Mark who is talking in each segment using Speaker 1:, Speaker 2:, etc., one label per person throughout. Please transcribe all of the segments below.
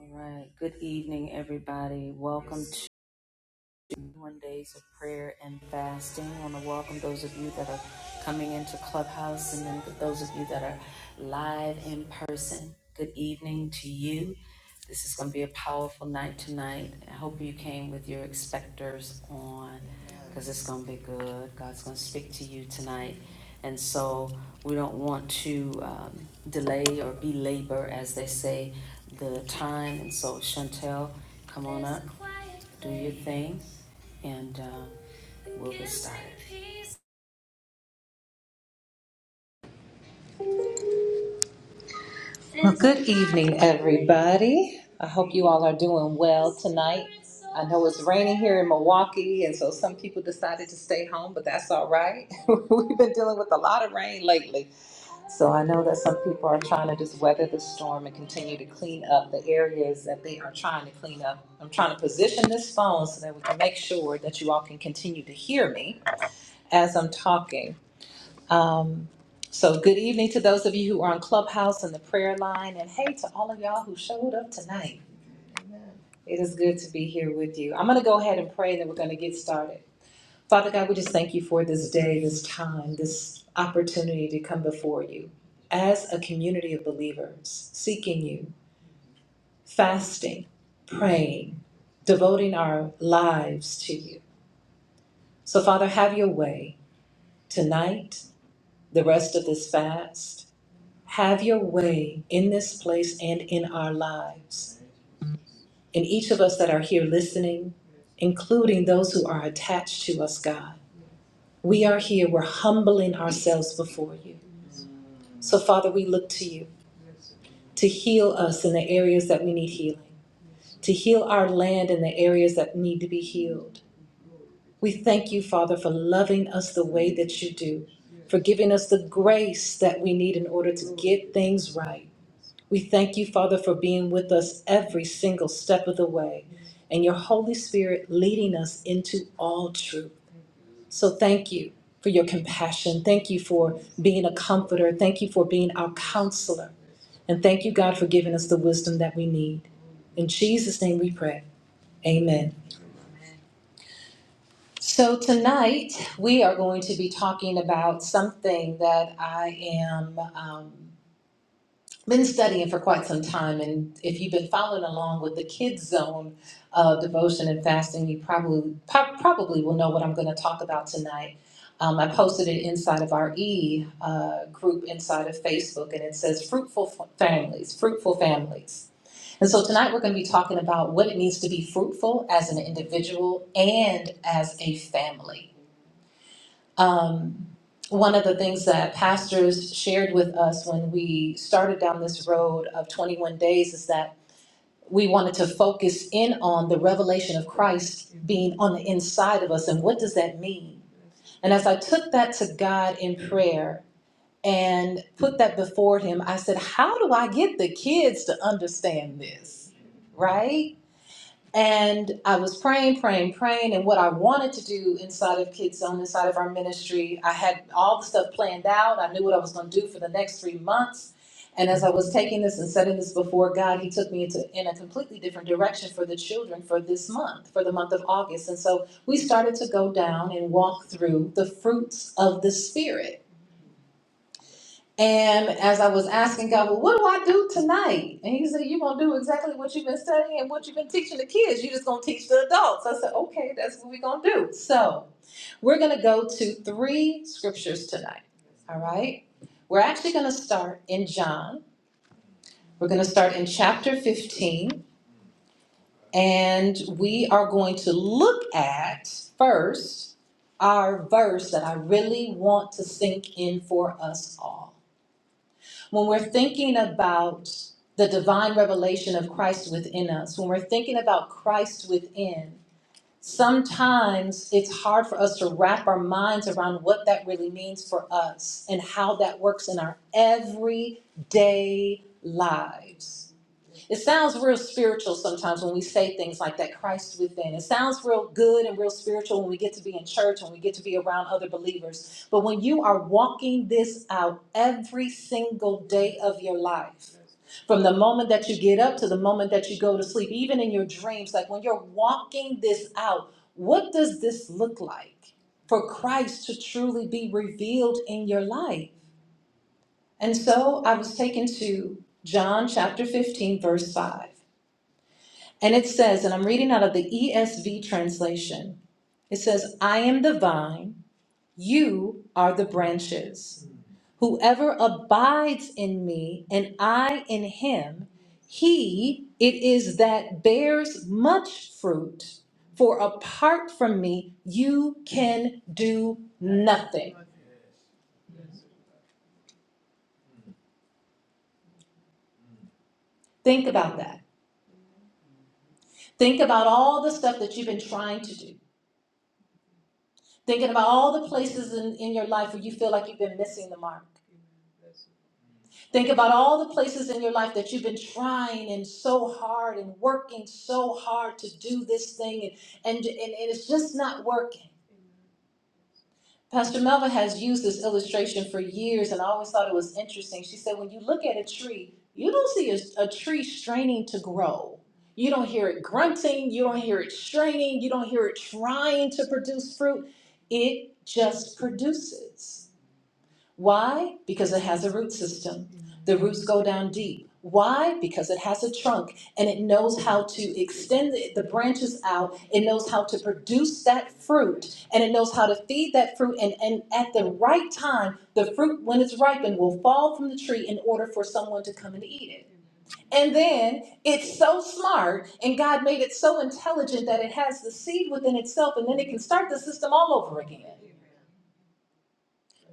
Speaker 1: All right. Good evening, everybody. Welcome one days of prayer and fasting. I want to welcome those of you that are coming into Clubhouse and then for those of you that are live in person. Good evening to you. This is going to be a powerful night tonight. I hope you came with your expectors on because it's going to be good. God's going to speak to you tonight. And so we don't want to um, delay or belabor, as they say, the time. And so, Chantel, come on do your thing, and uh,
Speaker 2: Well, good evening, everybody. I hope you all are doing well tonight. I know it's raining here in Milwaukee, and so some people decided to stay home, but that's all right. We've been dealing with a lot of rain lately. So I know that some people are trying to just weather the storm and continue to clean up the areas that they are trying to clean up. I'm trying to position this phone so that we can make sure that you all can continue to hear me as I'm talking. Um, so, good evening to those of you who are on Clubhouse and the prayer line, and hey to all of y'all who showed up tonight. It is good to be here with you. I'm going to go ahead and pray, and then we're going to get started. Father God, we just thank you for this day, this time, this opportunity to come before you as a community of believers, seeking you, fasting, praying, devoting our lives to you. So, Father, have your way tonight, the rest of this fast. Have your way in this place and in our lives, in each of us that are here listening, including those who are attached to us, God. We are here, we're humbling ourselves before you. So, Father, we look to you to heal us in the areas that we need healing, to heal our land in the areas that need to be healed. We thank you, Father, for loving us the way that you do, for giving us the grace that we need in order to get things right. We thank you, Father, for being with us every single step of the way and your Holy Spirit leading us into all truth. So thank you for your compassion. Thank you for being a comforter. Thank you for being our counselor. And thank you, God, for giving us the wisdom that we need. In Jesus' name we pray. Amen. So tonight we are going to be talking about something that I am. um, been studying for quite some time, and if you've been following along with the kids zone of devotion and fasting, you probably po- probably will know what I'm going to talk about tonight. Um, I posted it inside of our E uh, group inside of Facebook, and it says fruitful f- families, fruitful families. And so tonight we're going to be talking about what it means to be fruitful as an individual and as a family. Um, one of the things that pastors shared with us when we started down this road of 21 days is that we wanted to focus in on the revelation of Christ being on the inside of us and what does that mean? And as I took that to God in prayer and put that before Him, I said, How do I get the kids to understand this? Right? And I was praying, praying, praying, and what I wanted to do inside of Kids Zone, inside of our ministry, I had all the stuff planned out. I knew what I was going to do for the next three months. And as I was taking this and setting this before God, He took me into in a completely different direction for the children for this month, for the month of August. And so we started to go down and walk through the fruits of the Spirit. And as I was asking God, well, what do I do tonight? And he said, You're going to do exactly what you've been studying and what you've been teaching the kids. You're just going to teach the adults. I said, Okay, that's what we're going to do. So we're going to go to three scriptures tonight. All right. We're actually going to start in John. We're going to start in chapter 15. And we are going to look at first our verse that I really want to sink in for us all. when we're thinking about the divine revelation of Christ within us, when we're thinking about Christ within, sometimes it's hard for us to wrap our minds around what that really means for us and how that works in our everyday lives. It sounds real spiritual sometimes when we say things like that, Christ within. It sounds real good and real spiritual when we get to be in church, when we get to be around other believers. But when you are walking this out every single day of your life, from the moment that you get up to the moment that you go to sleep, even in your dreams, like when you're walking this out, what does this look like for Christ to truly be revealed in your life? And so I was taken to John chapter 15, verse 5. And it says, and I'm reading out of the ESV translation, it says, I am the vine, you are the branches. Whoever abides in me and I in him, he it is that bears much fruit. For apart from me, you can do nothing. Think about that. Think about all the stuff that you've been trying to do. Thinking about all the places in, in your life where you feel like you've been missing the mark Think about all the places in your life that you've been trying and so hard and working so hard to do this thing, and, and, and it's just not working. Pastor Melva has used this illustration for years, and I always thought it was interesting. She said, When you look at a tree, you don't see a, a tree straining to grow. You don't hear it grunting, you don't hear it straining, you don't hear it trying to produce fruit. It just produces. Why? Because it has a root system. The roots go down deep. Why? Because it has a trunk and it knows how to extend the the branches out. It knows how to produce that fruit and it knows how to feed that fruit. And, and at the right time, the fruit, when it's ripened, will fall from the tree in order for someone to come and eat it. And then it's so smart and God made it so intelligent that it has the seed within itself and then it can start the system all over again.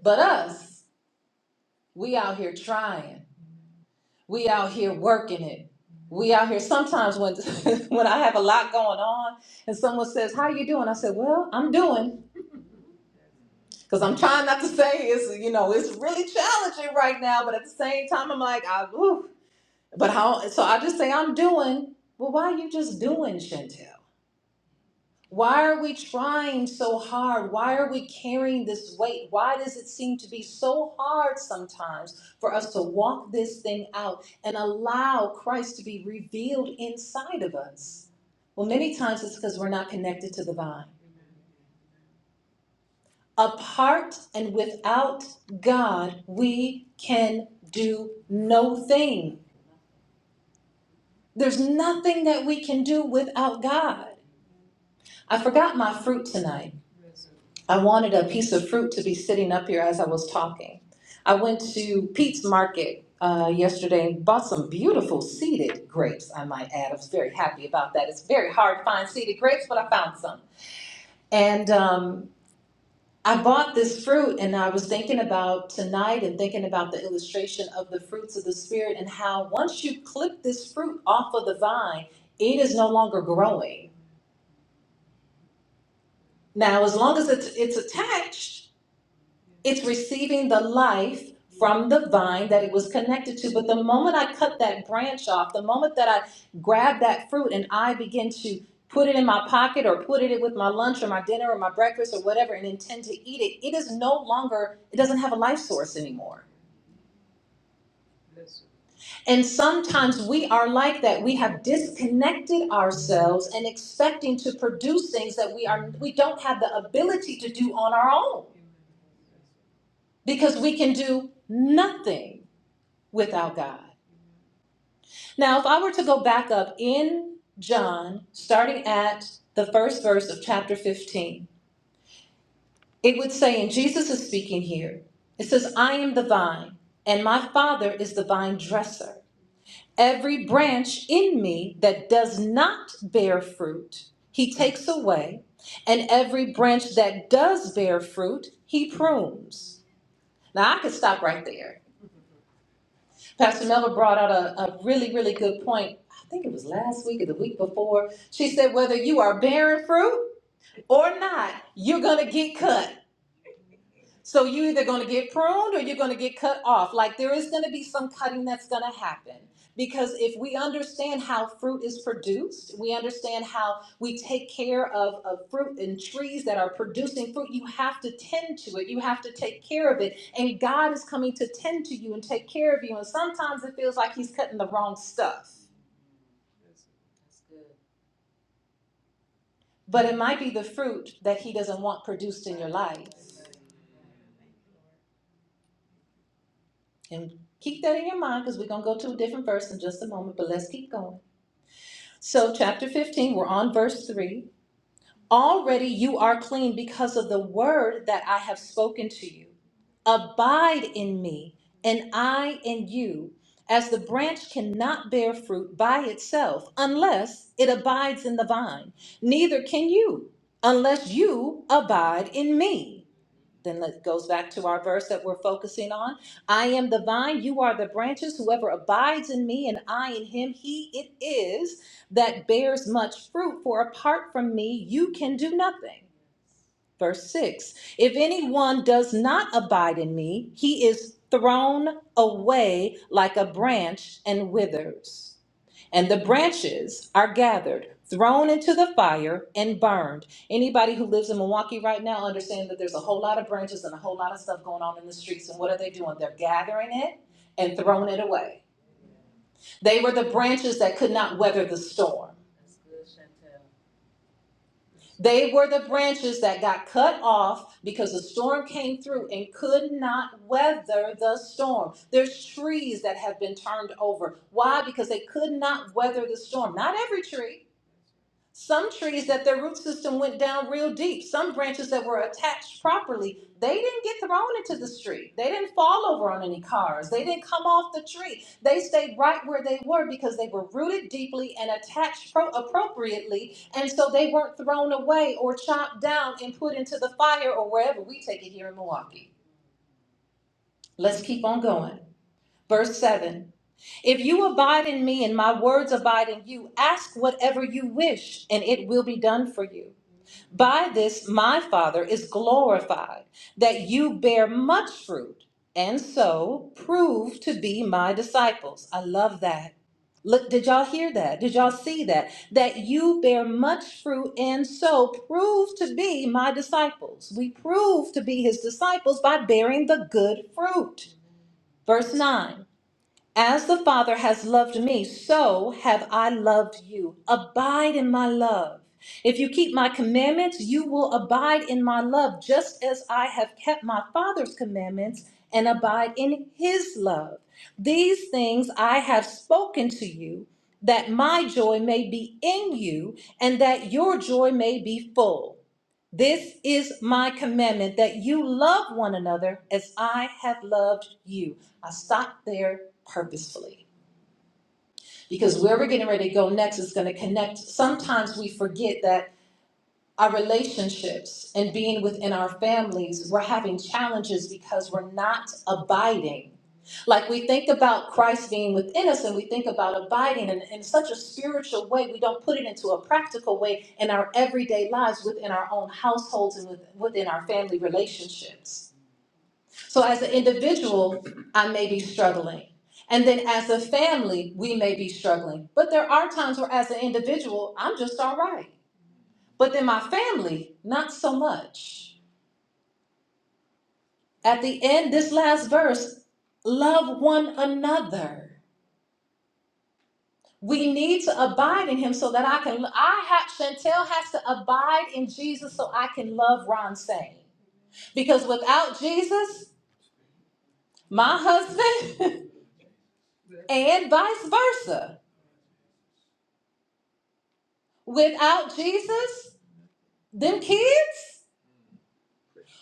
Speaker 2: But us, we out here trying. we out here working it. We out here sometimes when when I have a lot going on and someone says, "How you doing?" I said, "Well, I'm doing because I'm trying not to say it's you know it's really challenging right now, but at the same time I'm like, I, ooh. but how? So I just say I'm doing. Well, why are you just doing, Chantel? Why are we trying so hard? Why are we carrying this weight? Why does it seem to be so hard sometimes for us to walk this thing out and allow Christ to be revealed inside of us? Well, many times it's because we're not connected to the vine. Apart and without God, we can do no thing. There's nothing that we can do without God. I forgot my fruit tonight. I wanted a piece of fruit to be sitting up here as I was talking. I went to Pete's Market uh, yesterday and bought some beautiful seeded grapes, I might add. I was very happy about that. It's very hard to find seeded grapes, but I found some. And um, I bought this fruit, and I was thinking about tonight and thinking about the illustration of the fruits of the Spirit and how once you clip this fruit off of the vine, it is no longer growing. Now, as long as it's, it's attached, It's receiving the life from the vine that it was connected to. But the moment I cut that branch off, the moment that I grab that fruit and I begin to put it in my pocket or put it with my lunch or my dinner or my breakfast or whatever and intend to eat it, it is no longer, it doesn't have a life source anymore. And sometimes we are like that. We have disconnected ourselves and expecting to produce things that we are we don't have the ability to do on our own because we can do nothing. without God. Now, if I were to go back up in John, starting at the first verse of chapter 15, it would say, and Jesus is speaking here, it says, I am the vine, and my Father is the vine dresser. Every branch in me that does not bear fruit, he takes away, and every branch that does bear fruit, he prunes. Now, I could stop right there Pastor Melva brought out a, a really, really good point. I think it was last week or the week before. She said, whether you are bearing fruit or not, you're going to get cut. So you're either going to get pruned or you're going to get cut off. Like there is going to be some cutting that's going to happen. Because if we understand how fruit is produced, we understand how we take care of, of fruit and trees that are producing fruit, you have to tend to it. You have to take care of it. And God is coming to tend to you and take care of you. And sometimes it feels like He's cutting the wrong stuff. But it might be the fruit that He doesn't want produced in your life. And keep that in your mind because we're going to go to a different verse in just a moment, but let's keep going. So, chapter 15, we're on verse 3. Already you are clean because of the word that I have spoken to you. Abide in me, and I in you, as the branch cannot bear fruit by itself unless it abides in the vine. Neither can you unless you abide in me then it goes back to our verse that we're focusing on. I am the vine, you are the branches. Whoever abides in me and I in him, he it is that bears much fruit, for apart from me, you can do nothing. Verse 6 If anyone does not abide in me, he is thrown away like a branch and withers and the branches are gathered thrown into the fire and burned anybody who lives in milwaukee right now understands that there's a whole lot of branches and a whole lot of stuff going on in the streets and what are they doing they're gathering it and throwing it away they were the branches that could not weather the storm they were the branches that got cut off because the storm came through and could not weather the storm. There's trees that have been turned over. Why? Because they could not weather the storm. Not every tree, Some trees that their root system went down real deep. Some branches that were attached properly, they didn't get thrown into the street. They didn't fall over on any cars. They didn't come off the tree. They stayed right where they were because they were rooted deeply and attached pro- appropriately. And so they weren't thrown away or chopped down and put into the fire or wherever we take it here in Milwaukee. Let's keep on going. Verse 7 If you abide in me and my words abide in you, ask whatever you wish, and it will be done for you. By this my Father is glorified, that you bear much fruit, and so prove to be my disciples. I love that. Look, did y'all hear that? Did y'all see that? That you bear much fruit, and so prove to be my disciples. We prove to be his disciples by bearing the good fruit. Verse 9. As the Father has loved me, so have I loved you. Abide in my love. If you keep my commandments, you will abide in my love, just as I have kept my Father's commandments and abide in his love. These things I have spoken to you, that my joy may be in you and that your joy may be full. This is my commandment that you love one another as I have loved you. I stopped there purposefully because where we're getting ready to go next is going to connect. Sometimes we forget that our relationships and being within our families, we're having challenges because we're not abiding. Like we think about Christ being within us and we think about abiding in, in such a spiritual way, we don't put it into a practical way in our everyday lives within our own households and with, within our family relationships. So, as an individual, I may be struggling. And then as a family, we may be struggling. But there are times where, as an individual, I'm just all right. But then my family, not so much. At the end, this last verse, love one another. We need to abide in him so that I can I have Chantel has to abide in Jesus so I can love Ron Sane. Because without Jesus, my husband and vice versa. Without Jesus, them kids,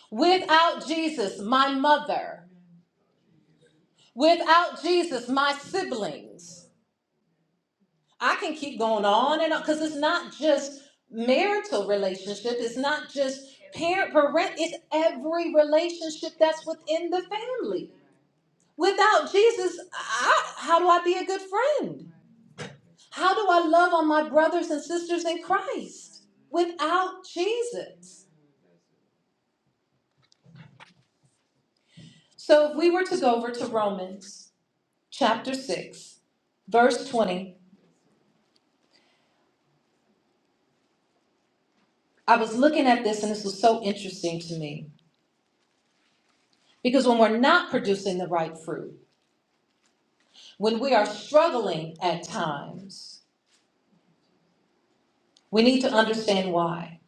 Speaker 2: without Jesus, my mother, without Jesus, my siblings. I can keep going on and on because it's not just marital relationship, it's not just parent parent, it's every relationship that's within the family. Without Jesus, I, how do I be a good friend? How do I love on my brothers and sisters in Christ without Jesus? So if we were to go over to Romans chapter 6, verse 20, I was looking at this and this was so interesting to me because when we're not producing the right fruit, when we are struggling at times, we need to understand why.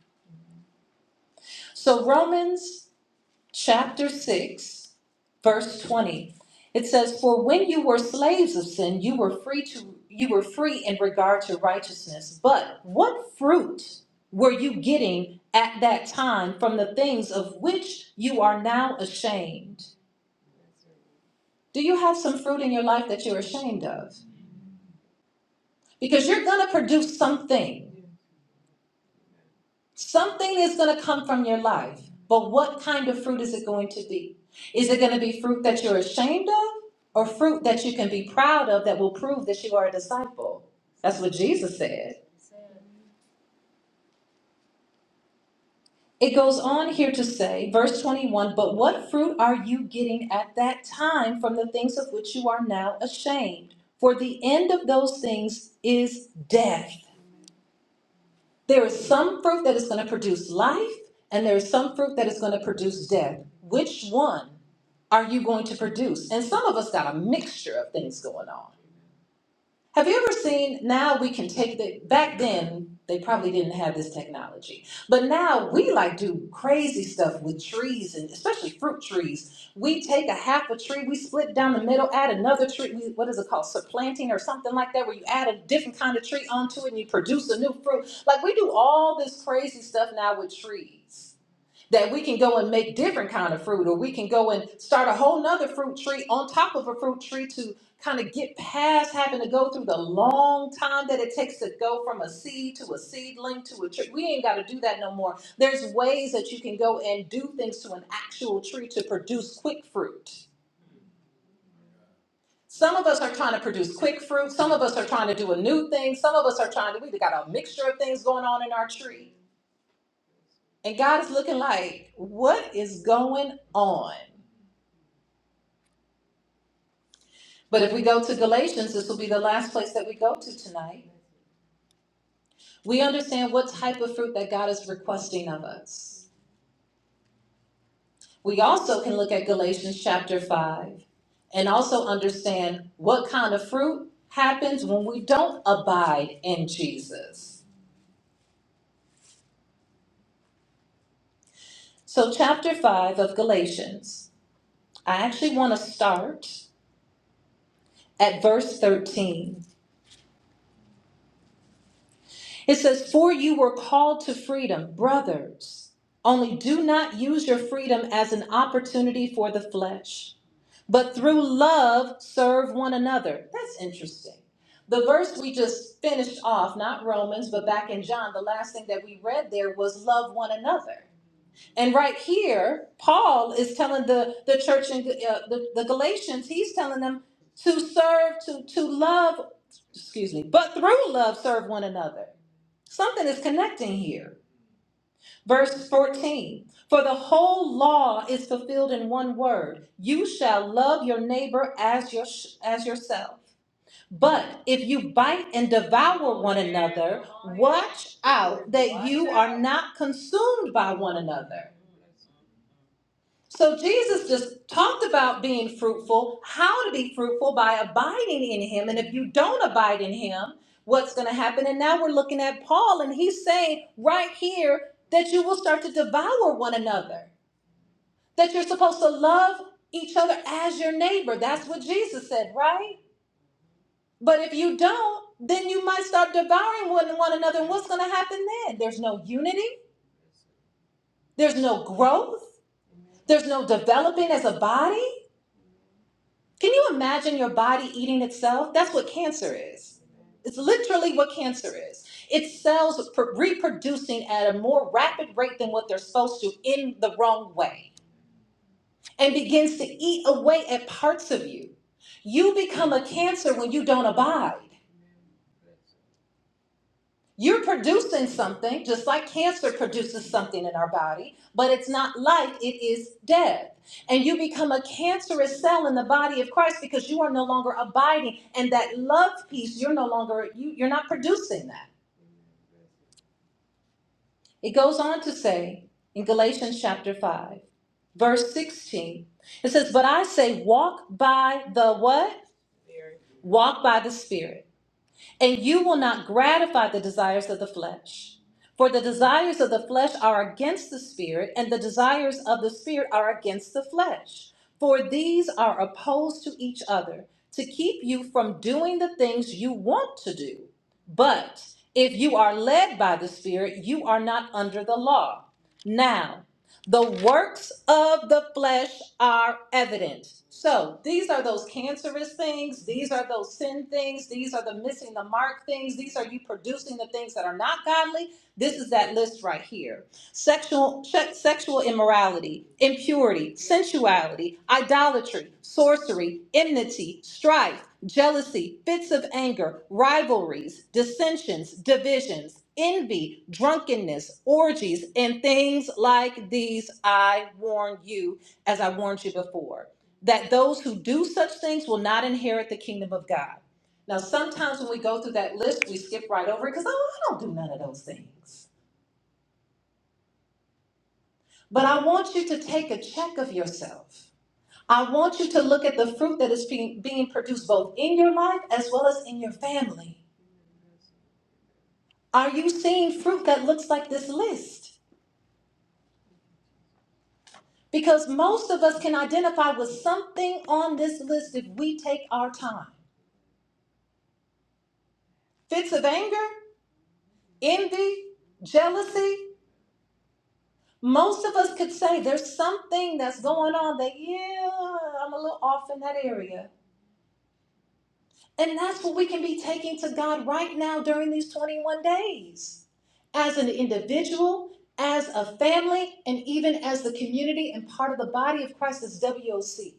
Speaker 2: So, Romans chapter 6, verse 20, it says, For when you were slaves of sin, you were free to you were free in regard to righteousness. But what fruit were you getting at that time from the things of which you are now ashamed? Do you have some fruit in your life that you're ashamed of? Because you're going to produce something Something is going to come from your life, but what kind of fruit is it going to be? Is it going to be fruit that you're ashamed of or fruit that you can be proud of that will prove that you are a disciple? That's what Jesus said. It goes on here to say, verse 21 But what fruit are you getting at that time from the things of which you are now ashamed? For the end of those things is death. There is some fruit that is going to produce life, and there is some fruit that is going to produce death. Which one are you going to produce? And some of us got a mixture of things going on. Have you ever seen now we can take the back then they probably didn't have this technology. But now we like do crazy stuff with trees and especially fruit trees. We take a half a tree, we split down the middle, add another tree, we, what is it called? Supplanting or something like that where you add a different kind of tree onto it and you produce a new fruit. Like we do all this crazy stuff now with trees that we can go and make different kind of fruit or we can go and start a whole nother fruit tree on top of a fruit tree to kind of get past having to go through the long time that it takes to go from a seed to a seedling to a tree we ain't got to do that no more there's ways that you can go and do things to an actual tree to produce quick fruit some of us are trying to produce quick fruit some of us are trying to do a new thing some of us are trying to we've got a mixture of things going on in our tree and god is looking like what is going on But if we go to Galatians, this will be the last place that we go to tonight. We understand what type of fruit that God is requesting of us. We also can look at Galatians chapter 5 and also understand what kind of fruit happens when we don't abide in Jesus. So, chapter 5 of Galatians, I actually want to start at verse 13. It says, For you were called to freedom, brothers. Only do not use your freedom as an opportunity for the flesh, but through love serve one another. That's interesting. The verse we just finished off, not Romans, but back in John, the last thing that we read there was love one another. And right here, Paul is telling the, the church in uh, the, the Galatians, he's telling them to serve, to, to love, excuse me, but through love serve one another. Something is connecting here. Verse 14 For the whole law is fulfilled in one word you shall love your neighbor as, your, as yourself. But if you bite and devour one another, watch out that you are not consumed by one another. So Jesus just talked about being fruitful, how to be fruitful by abiding in him. And if you don't abide in him, what's going to happen? And now we're looking at Paul, and he's saying right here that you will start to devour one another, that you're supposed to love each other as your neighbor. That's what Jesus said, right? But if you don't, then you might start devouring one, one another. And what's going to happen then? There's no unity, there's no growth, there's no developing as a body. Can you imagine your body eating itself? That's what cancer is. It's literally what cancer is. It's cells pr- reproducing at a more rapid rate than what they're supposed to in the wrong way and begins to eat away at parts of you. You become a cancer when you don't abide. You're producing something, just like cancer produces something in our body, but it's not life, it is death. And you become a cancerous cell in the body of Christ because you are no longer abiding. And that love piece, you're no longer, you, you're not producing that. It goes on to say in Galatians chapter 5, verse 16, it says, But I say, walk by the what? Walk by the Spirit And you will not gratify the desires of the flesh. For the desires of the flesh are against the spirit, and the desires of the spirit are against the flesh. For these are opposed to each other to keep you from doing the things you want to do. But if you are led by the spirit, you are not under the law. Now, the works of the flesh are evident. So these are those cancerous things. These are those sin things. These are the missing the mark things. These are you producing the things that are not godly. This is that list right here sexual sexual immorality, impurity, sensuality, idolatry, sorcery, enmity, strife, jealousy, fits of anger, rivalries, dissensions, divisions, envy, drunkenness, orgies, and things like these I warn you as I warned you before, that those who do such things will not inherit the kingdom of God. Now, sometimes when we go through that list, we skip right over it because, oh, I don't do none of those things. But I want you to take a check of yourself. I want you to look at the fruit that is being, produced both in your life as well as in your family. Are you seeing fruit that looks like this list? Because most of us can identify with something on this list if we take our time. Fits of anger, envy, jealousy. Most of us could say there's something that's going on that, yeah, I'm a little off in that area. And that's what we can be taking to God right now during these 21 days as an individual, as a family, and even as the community and part of the body of Christ as WOC.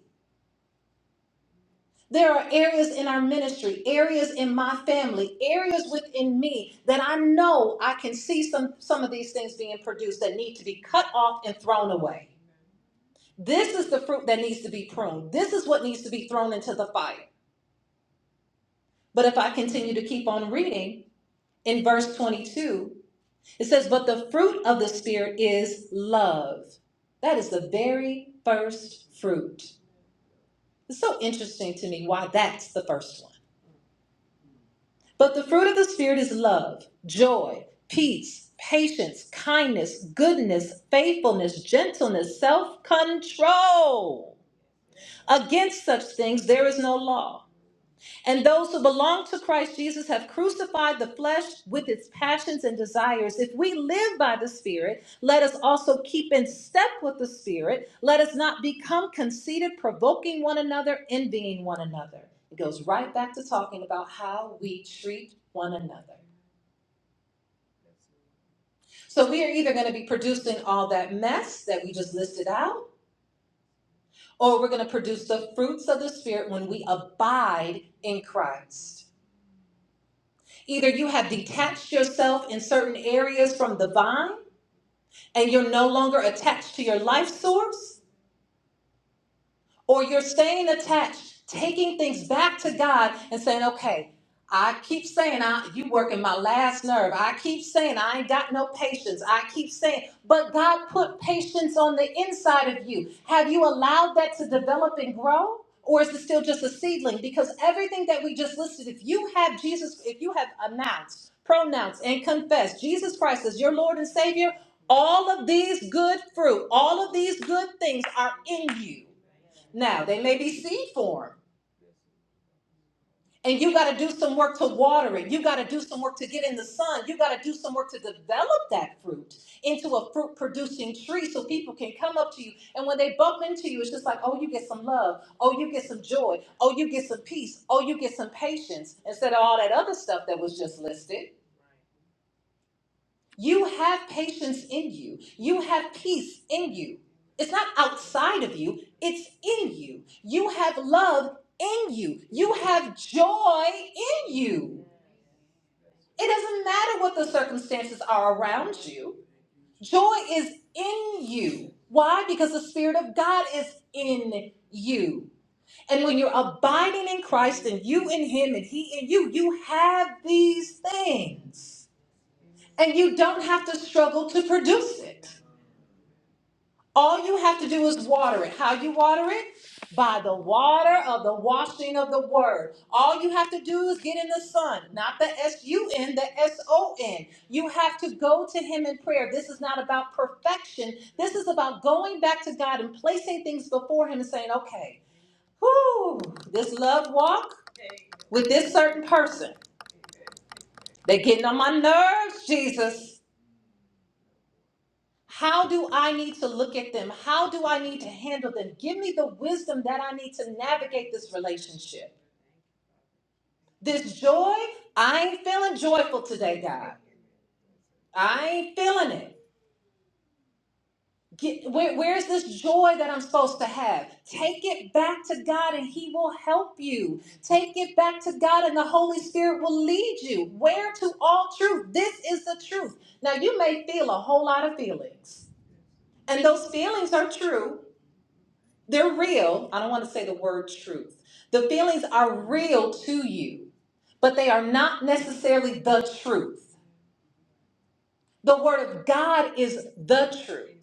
Speaker 2: There are areas in our ministry, areas in my family, areas within me that I know I can see some, some of these things being produced that need to be cut off and thrown away. This is the fruit that needs to be pruned. This is what needs to be thrown into the fire. But if I continue to keep on reading, in verse 22, it says, But the fruit of the Spirit is love. That is the very first fruit. It's so interesting to me why that's the first one. But the fruit of the Spirit is love, joy, peace, patience, kindness, goodness, faithfulness, gentleness, self control. Against such things there is no law. And those who belong to Christ Jesus have crucified the flesh with its passions and desires. If we live by the Spirit, let us also keep in step with the Spirit. Let us not become conceited, provoking one another, envying one another. It goes right back to talking about how we treat one another. So we are either going to be producing all that mess that we just listed out, or we're going to produce the fruits of the Spirit when we abide in Christ. Either you have detached yourself in certain areas from the vine and you're no longer attached to your life source, or you're staying attached, taking things back to God and saying, okay, I keep saying I you working my last nerve. I keep saying I ain't got no patience. I keep saying, but God put patience on the inside of you. Have you allowed that to develop and grow? Or is it still just a seedling? Because everything that we just listed, if you have Jesus, if you have announced, pronounced, and confessed Jesus Christ as your Lord and Savior, all of these good fruit, all of these good things are in you. Now, they may be seed form, and you got to do some work to water it. You got to do some work to get in the sun. You got to do some work to develop that fruit into a fruit producing tree so people can come up to you. And when they bump into you, it's just like, oh, you get some love. Oh, you get some joy. Oh, you get some peace. Oh, you get some patience instead of all that other stuff that was just listed. You have patience in you. You have peace in you. It's not outside of you, it's in you. You have love in you. You have joy in you. It doesn't matter what the circumstances are around you, joy is in you. Why? Because the Spirit of God is in you. And when you're abiding in Christ and you in Him and He in you, you have these things. And you don't have to struggle to produce it. All you have to do is water it. How you water it? By the water of the washing of the word. All you have to do is get in the sun, not the S U N, the S O N. You have to go to Him in prayer. This is not about perfection. This is about going back to God and placing things before Him and saying, okay, whoo, this love walk with this certain person. They're getting on my nerves, Jesus. How do I need to look at them? How do I need to handle them? Give me the wisdom that I need to navigate this relationship. This joy, I ain't feeling joyful today, God. I ain't feeling it. Get, where, where's this joy that I'm supposed to have? Take it back to God and He will help you. Take it back to God and the Holy Spirit will lead you. Where to all truth? This is the truth. Now, you may feel a whole lot of feelings, and those feelings are true. They're real. I don't want to say the word truth. The feelings are real to you, but they are not necessarily the truth. The Word of God is the truth.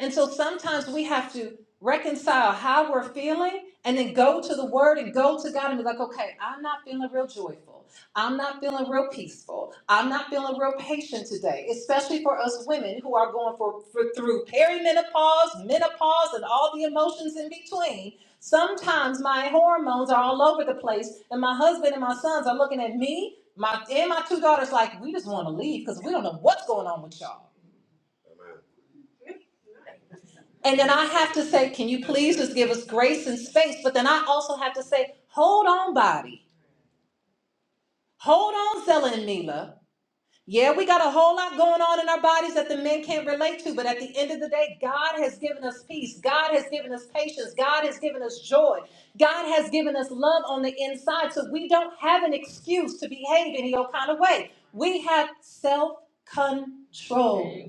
Speaker 2: And so sometimes we have to reconcile how we're feeling and then go to the word and go to God and be like, okay, I'm not feeling real joyful. I'm not feeling real peaceful. I'm not feeling real patient today, especially for us women who are going for, for through perimenopause, menopause, and all the emotions in between. Sometimes my hormones are all over the place, and my husband and my sons are looking at me, my and my two daughters like, we just want to leave because we don't know what's going on with y'all. And then I have to say, can you please just give us grace and space? But then I also have to say, hold on, body. Hold on, Zella and Mila. Yeah, we got a whole lot going on in our bodies that the men can't relate to, but at the end of the day, God has given us peace. God has given us patience. God has given us joy. God has given us love on the inside, so we don't have an excuse to behave any old kind of way. We have self control.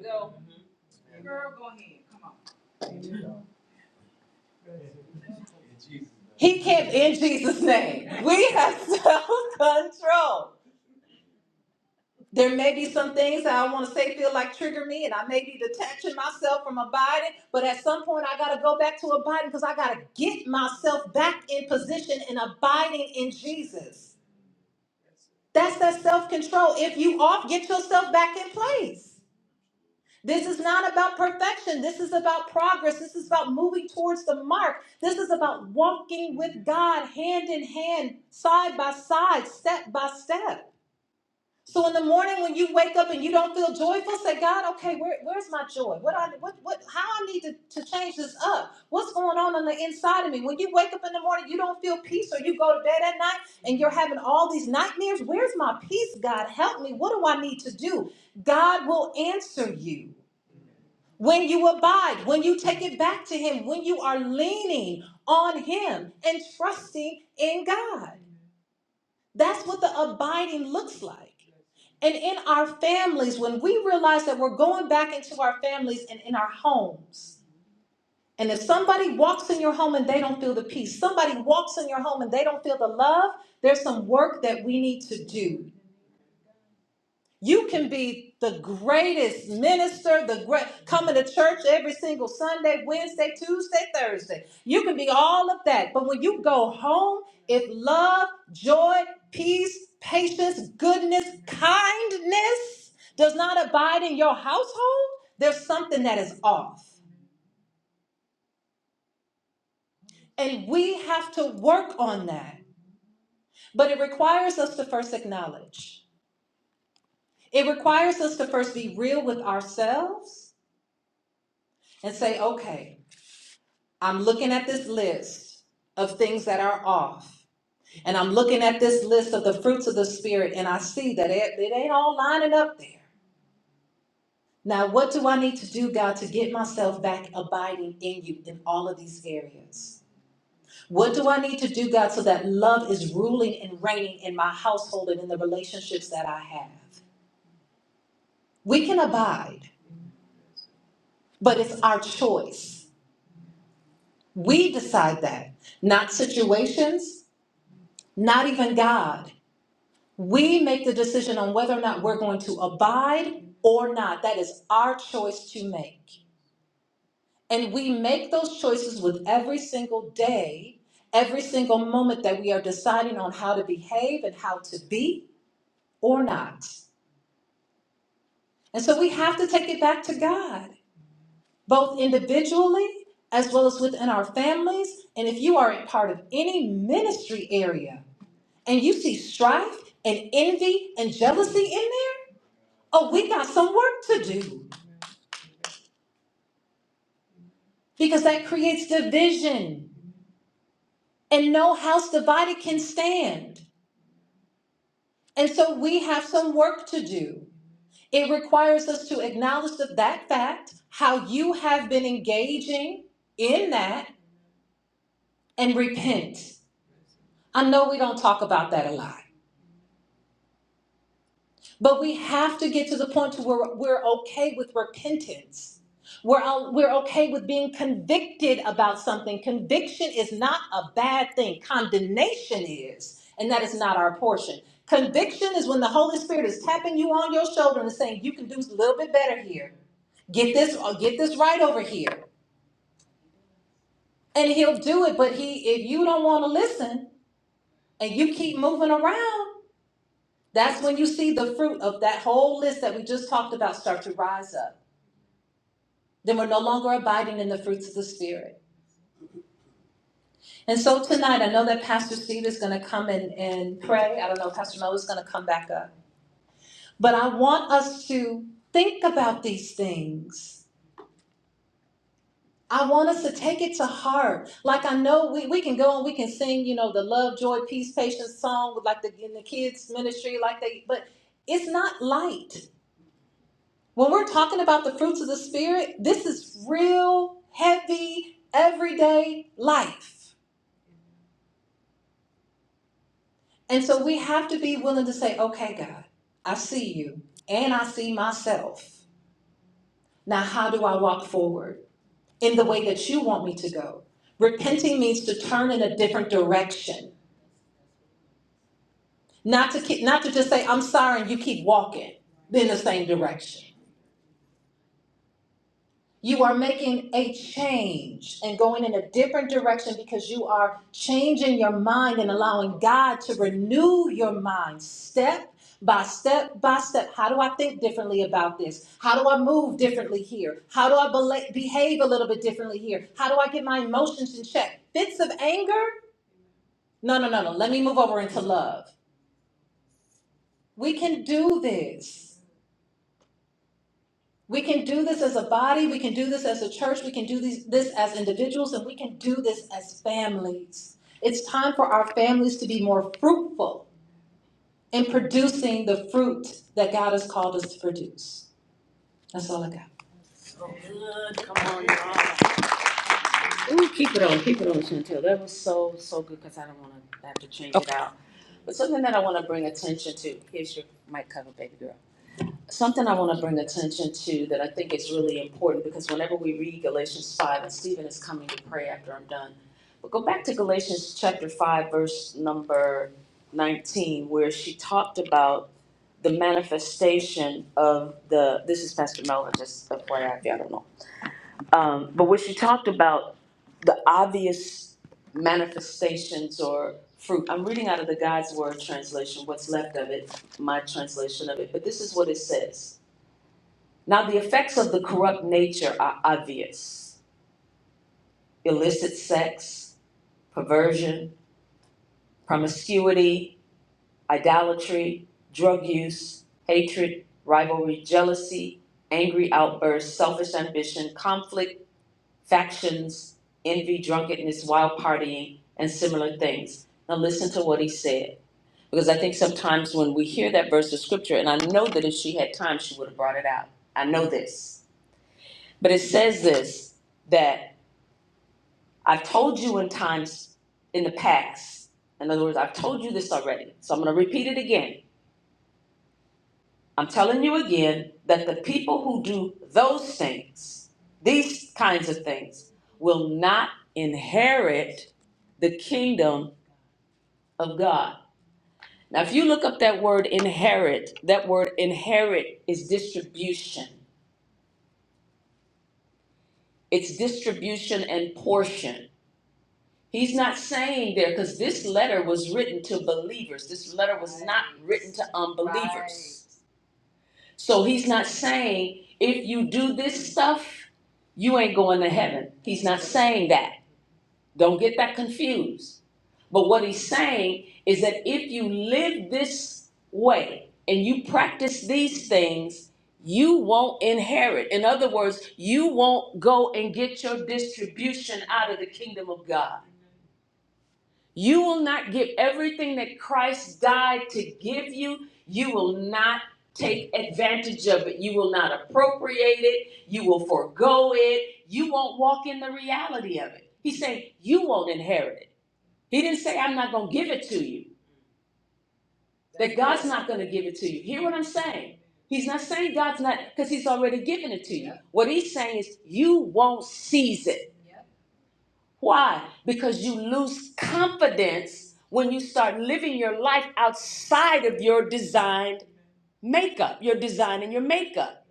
Speaker 2: He can't, in Jesus' name, we have self control. There may be some things that I want to say feel like trigger me, and I may be detaching myself from abiding, but at some point I got to go back to abiding because I got to get myself back in position and abiding in Jesus. That's that self control. If you off, get yourself back in place. This is not about perfection. This is about progress. This is about moving towards the mark. This is about walking with God hand in hand, side by side, step by step. So in the morning when you wake up and you don't feel joyful, say, God, okay, where, where's my joy? What I what what how I need to, to change this up? What's going on on the inside of me? When you wake up in the morning, you don't feel peace, or you go to bed at night and you're having all these nightmares. Where's my peace, God? Help me. What do I need to do? God will answer you when you abide, when you take it back to Him, when you are leaning on Him and trusting in God. That's what the abiding looks like. And in our families, when we realize that we're going back into our families and in our homes, and if somebody walks in your home and they don't feel the peace, somebody walks in your home and they don't feel the love, there's some work that we need to do. You can be the greatest minister, the great coming to church every single Sunday, Wednesday, Tuesday, Thursday. You can be all of that. But when you go home, if love, joy, peace, patience, goodness, kindness does not abide in your household, there's something that is off. And we have to work on that. But it requires us to first acknowledge. It requires us to first be real with ourselves and say, okay, I'm looking at this list of things that are off. And I'm looking at this list of the fruits of the Spirit, and I see that it, it ain't all lining up there. Now, what do I need to do, God, to get myself back abiding in you in all of these areas? What do I need to do, God, so that love is ruling and reigning in my household and in the relationships that I have? We can abide, but it's our choice. We decide that, not situations, not even God. We make the decision on whether or not we're going to abide or not. That is our choice to make. And we make those choices with every single day, every single moment that we are deciding on how to behave and how to be or not. And so we have to take it back to God, both individually as well as within our families. And if you are a part of any ministry area and you see strife and envy and jealousy in there, Oh, we got some work to do because that creates division and no house divided can stand. And so we have some work to do. It requires us to acknowledge that, that fact, how you have been engaging in that, and repent. I know we don't talk about that a lot. But we have to get to the point to where we're okay with repentance. We're, o- we're okay with being convicted about something. Conviction is not a bad thing. Condemnation is, and that is not our portion. Conviction is when the Holy Spirit is tapping you on your shoulder and saying, "You can do a little bit better here. Get this, or get this right over here." And He'll do it. But He, if you don't want to listen and you keep moving around, that's when you see the fruit of that whole list that we just talked about start to rise up. then we're no longer abiding in the fruits of the spirit. And so tonight, I know that Pastor Steve is going to come and, and pray. I don't know, Pastor Noah is going to come back up. But I want us to think about these things. I want us to take it to heart. Like I know we, we can go and we can sing, you know, the love, joy, peace, patience song with like the in the kids ministry, like they but it's not light. When we're talking about the fruits of the spirit, this is real heavy everyday life. And so we have to be willing to say, okay, God, I see you and I see myself. Now, how do I walk forward in the way that you want me to go? Repenting means to turn in a different direction, not to, keep, not to just say, I'm sorry, and you keep walking in the same direction. You are making a change and going in a different direction because you are changing your mind and allowing God to renew your mind step by step by step. How do I think differently about this? How do I move differently here? How do I bela- behave a little bit differently here? How do I get my emotions in check? Fits of anger? No, no, no, no. Let me move over into love. We can do this. We can do this as a body, we can do this as a church, we can do these, this as individuals, and we can do this as families. It's time for our families to be more fruitful in producing the fruit that God has called us to produce. That's all I got. Good. Come on, y'all. Ooh, keep it on, keep it on, Chantel. That was so, so good because I don't want to have to change it Okay. out. But something that I want to bring attention to. Here's your mic cover, baby girl. something I want to bring attention to that I think is really important because whenever we read Galatians 5, and Stephen is coming to pray after I'm done, but go back to Galatians chapter 5, verse number 19, where she talked about the manifestation of the, this is Pastor Melvin, just FYI, if y'all don't know. Um, but where she talked about the obvious manifestations or fruit. I'm reading out of the God's Word translation, what's left of it, my translation of it, but this is what it says now, the effects of the corrupt nature are obvious illicit sex, perversion, promiscuity, idolatry, drug use, hatred, rivalry, jealousy, angry outbursts, selfish ambition, conflict, factions, envy, drunkenness, wild partying, and similar things. Now, listen to what he said. Because I think sometimes when we hear that verse of scripture, and I know that if she had time, she would have brought it out. I know this. But it says this that I've told you in times in the past. In other words, I've told you this already. So I'm going to repeat it again. I'm telling you again that the people who do those things, these kinds of things, will not inherit the kingdom of God. Now, if you look up that word inherit, that word inherit is distribution, it's distribution and portion. He's not saying there, because this letter was written to believers. This letter was written to unbelievers So he's not saying if you do this stuff, you ain't going to heaven. He's not saying that. Don't get that confused. But what he's saying is that if you live this way and you practice these things, you won't inherit. In other words, you won't go and get your distribution out of the kingdom of God. You will not give everything that Christ died to give you. You will not take advantage of it. You will not appropriate it. You will forego it. You won't walk in the reality of it. He's saying you won't inherit it. He didn't say, I'm not going to give it to you, that God's not going to give it to you. Hear what I'm saying? He's not saying God's not, because He's already given it to you. What He's saying is, you won't seize it. Why? Because you lose confidence when you start living your life outside of your designed makeup, your design and your makeup.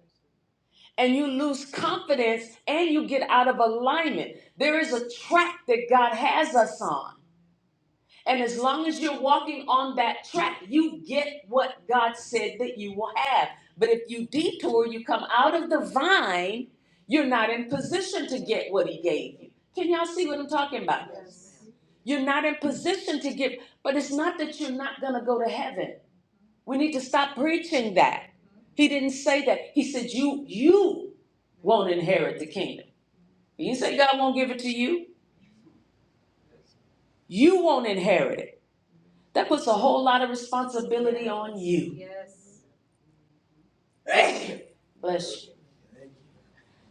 Speaker 2: And you lose confidence and you get out of alignment. There is a track that God has us on. And as long as you're walking on that track, you get what God said that you will have. But if you detour, you come out of the vine, you're not in position to get what He gave you. Can y'all see what I'm talking about? You're not in position to give, but it's not that you're not going to go to heaven. We need to stop preaching that. He didn't say that. He said you you won't inherit the kingdom. He didn't say God won't give it to you. You won't inherit it. That puts a whole lot of responsibility. you. Bless you.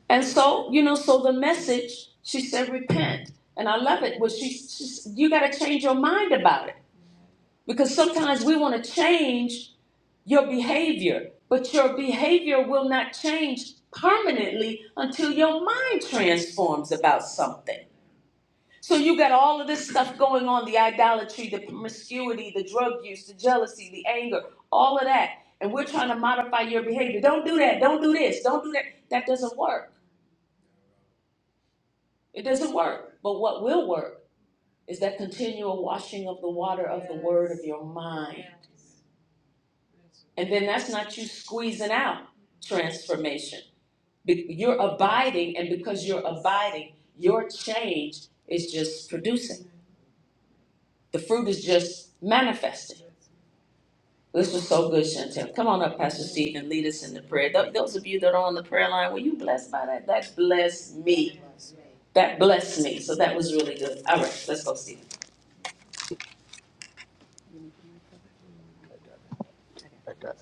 Speaker 2: And so, you know, so the message, she said, repent. And I love it. Well, she, she you got to change your mind about it because sometimes we want to change. your behavior, but your behavior will not change permanently until your mind transforms about something. So you got all of this stuff going on the idolatry, the promiscuity, the drug use, the jealousy, the anger, all of that. And we're trying to modify your behavior. Don't do that. Don't do this. Don't do that. That doesn't work. It doesn't work. But what will work is that continual washing of the water your mind. And then that's not you squeezing out transformation. Be- You're abiding, and because you're abiding, your change is just producing. The fruit is just manifesting. This was so good, Chantel. Come on up, Pastor Steve, and lead us in the prayer. Th- those of you that are on the prayer line, were you blessed by that? That blessed me. That blessed me. So that was really good. All right, let's go, Steve.
Speaker 3: I got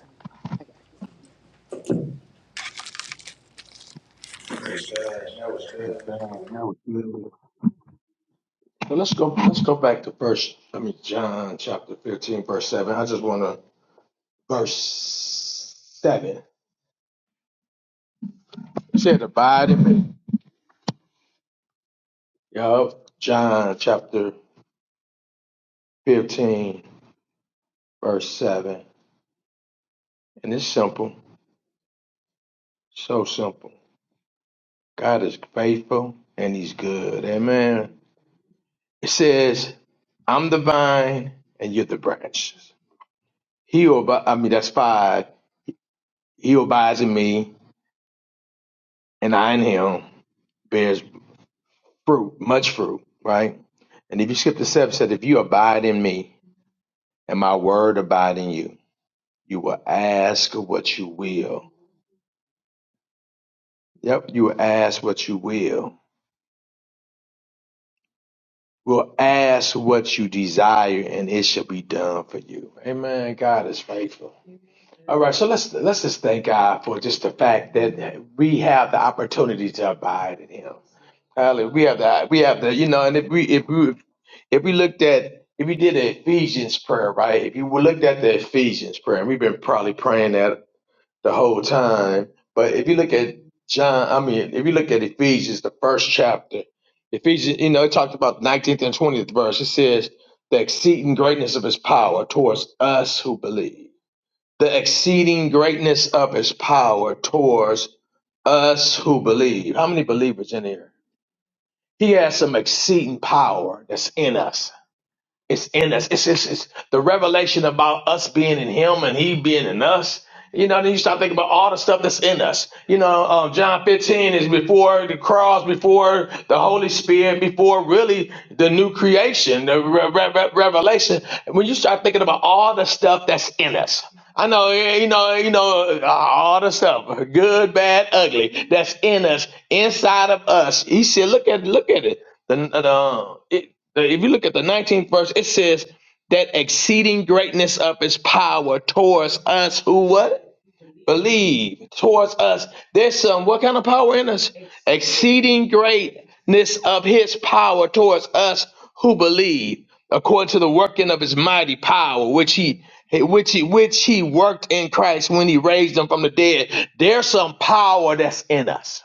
Speaker 3: it. down. That good. So let's go. Let's go back to verse. I mean John chapter fifteen, verse seven. I just want to verse seven. It said, "Abide in me." Yup. John chapter fifteen, verse seven, and it's simple. So simple. God is faithful and He's good. Amen. It says, "I'm the vine, and you're the branches." He obi- I mean, that's five. He who abides in me, and I in Him. bears. fruit, much fruit, right? And if you skip the step, it said, if you abide in me and my word abide in you, you will ask what you will. Yep, you will ask what you will. Will ask what you desire, and it shall be done for you. Amen. God is faithful. All right, so let's let's just thank God for just the fact that we have the opportunity to abide in Him. Hallelujah. We have that. We have the you know, and if we if we if we looked at if we did the Ephesians prayer, right? If you looked at the Ephesians prayer, and we've been probably praying that the whole time, but if you look at John, I mean, if you look at Ephesians, the first chapter, Ephesians, you know, it talked about nineteenth and twentieth verse. It says the exceeding greatness of His power towards us who believe the exceeding greatness of his power towards us who believe. How many believers in here? He has some exceeding power that's in us. It's in us. It's, it's, it's the revelation about us being in Him and He being in us. You know, then you start thinking about all the stuff that's in us. You know, um, John 15 is before the cross, before the Holy Spirit, before really the new creation, the re- re- re- revelation. When you start thinking about all the stuff that's in us, I know, eh, you know, you know, uh, all the stuff, good, bad, ugly, that's in us, inside of us. He said, look at, look at it. The, the, the- if you look at the 19th verse, it says that exceeding greatness of his power towards us who what? Believe towards us. There's some what kind of power in us? Exceeding greatness of his power towards us who believe, according to the working of his mighty power, which he which he which he worked in Christ when he raised him from the dead. There's some power that's in us.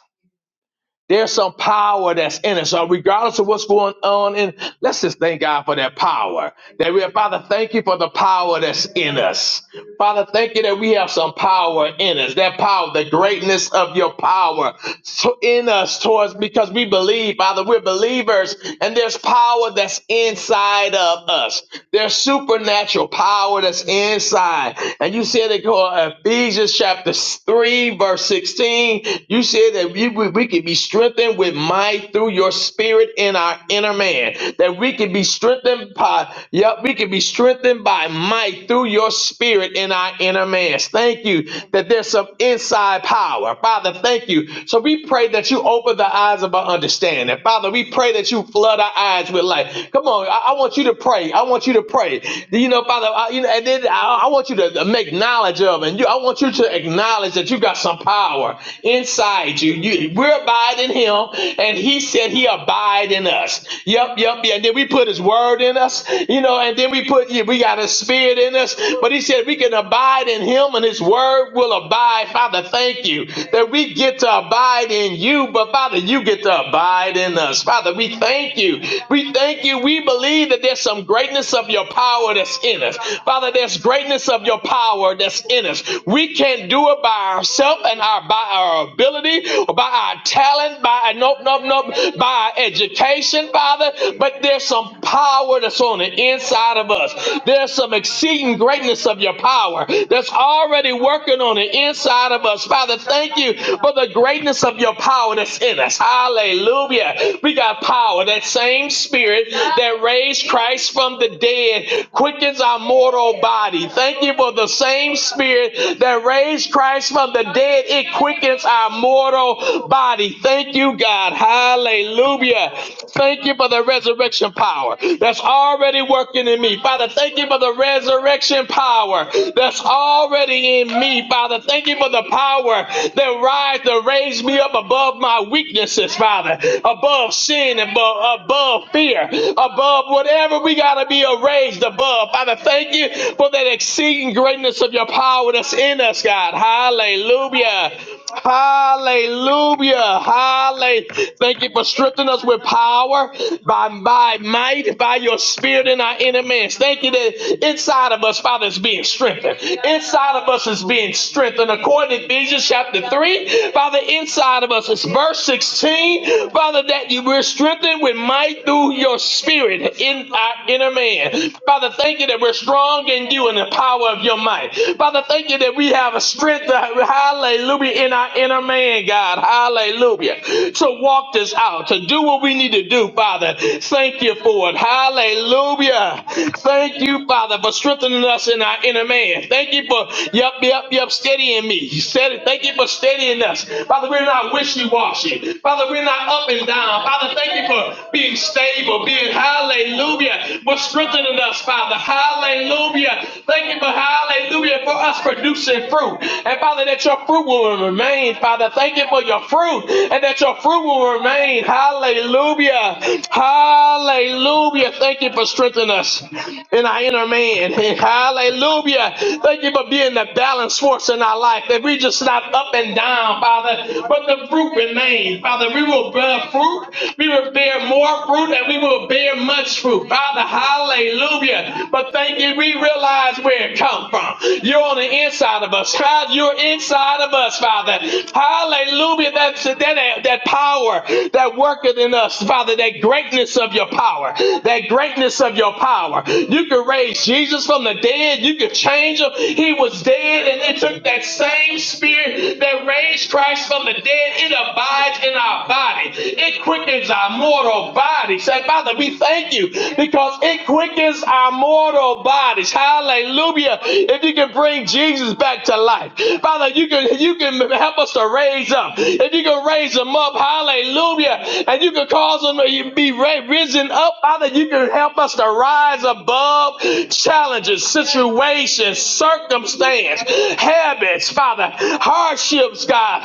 Speaker 3: There's some power that's in us. So regardless of what's going on in, let's just thank God for that power. That we are, Father, thank you for the power that's in us. Father, thank you that we have some power in us. That power, the greatness of your power so in us towards because we believe, Father, we're believers, and there's power that's inside of us. There's supernatural power that's inside. And you said it go Ephesians chapter 3, verse 16. You said that we, we, we can can be strengthened with might through your spirit in our inner man. That we can be strengthened by, yep, we can be strengthened by might through your spirit in our inner man. Thank you that there's some inside power. Father, thank you. So we pray that you open the eyes of our understanding. Father, we pray that you flood our eyes with light. Come on, I, I want you to pray. I want you to pray. You know, Father, I, you know, and then I, I want you to make knowledge of, and you, I want you to acknowledge that you got some power inside you. you. We abide in him, and he said he abide in us. Yep, yep, yeah. And then we put his word in us, you know, and then we put yeah, we got his spirit in us. But he said we can abide in him and his word will abide. Father, thank you that we get to abide in you, but Father, you get to abide in us. Father, we thank you. We thank you. We believe that there's some greatness of your power that's in us. Father, there's greatness of your power that's in us. We can't do it by ourselves and our by our ability, by our talent, by our, nope, nope, nope, by our education, Father, but there's some power that's on the inside of us. There's some exceeding greatness of your power that's already working on the inside of us. Father, thank you for the greatness of your power that's in us. Hallelujah. We got power. That same spirit that raised Christ from the dead quickens our mortal body. Thank you for the same spirit that raised Christ from the dead. It quickens our mortal mortal body. Thank you, God. Hallelujah. Thank you for the resurrection power that's already working in me. Father, thank you for the resurrection power that's already in me. Father, thank you for the power that rise to raise me up above my weaknesses, Father, above sin, above, above fear, above whatever we got to be raised above. Father, thank you for that exceeding greatness of your power that's in us, God. Hallelujah. Hallelujah. Hallelujah. Thank you for stripping us with power by, by might, by your spirit in our inner man. Thank you that inside of us, Father, is being strengthened. Inside of us is being strengthened. According to Ephesians chapter 3, Father, inside of us is verse 16. Father, that you were strengthened with might through your spirit in our inner man. Father, thank you that we're strong in you and the power of your might. Father, thank you that we have a strength. Hallelujah hallelujah, in our inner man, God, hallelujah, to walk this out, to do what we need to do, Father. Thank you for it, hallelujah. Thank you, Father, for strengthening us in our inner man. Thank you for, yup, yup, yup, steadying me. You Thank you for steadying us. Father, we're not wishy washy. Father, we're not up and down. Father, thank you for being stable, being hallelujah, for strengthening us, Father, hallelujah. Thank you for hallelujah for us producing fruit. And Father, that your fruit fruit will remain, Father. Thank you for your fruit and that your fruit will remain. Hallelujah. Hallelujah. Thank you for strengthening us in our inner man. Hallelujah. Thank you for being the balance force in our life. That we just not up and down, Father, but the fruit remains. Father, we will bear fruit. We will bear more fruit and we will bear much fruit. Father, hallelujah. But thank you, we realize where it comes from. You're on the inside of us. God, you're inside inside of us, Father. Hallelujah. That, that, that power that worketh in us, Father, that greatness of your power, that greatness of your power. You could raise Jesus from the dead, you could change him. He was dead, and it took that same spirit that raised Christ from the dead. It abides in our body, it quickens our mortal body. Say, Father, we thank you because it quickens our mortal bodies. Hallelujah. If you can bring Jesus back to life, Father. Father, you can you can help us to raise up. If you can raise them up, hallelujah. And you can cause them to be risen up, Father. You can help us to rise above challenges, situations, circumstance, habits, Father, hardships, God,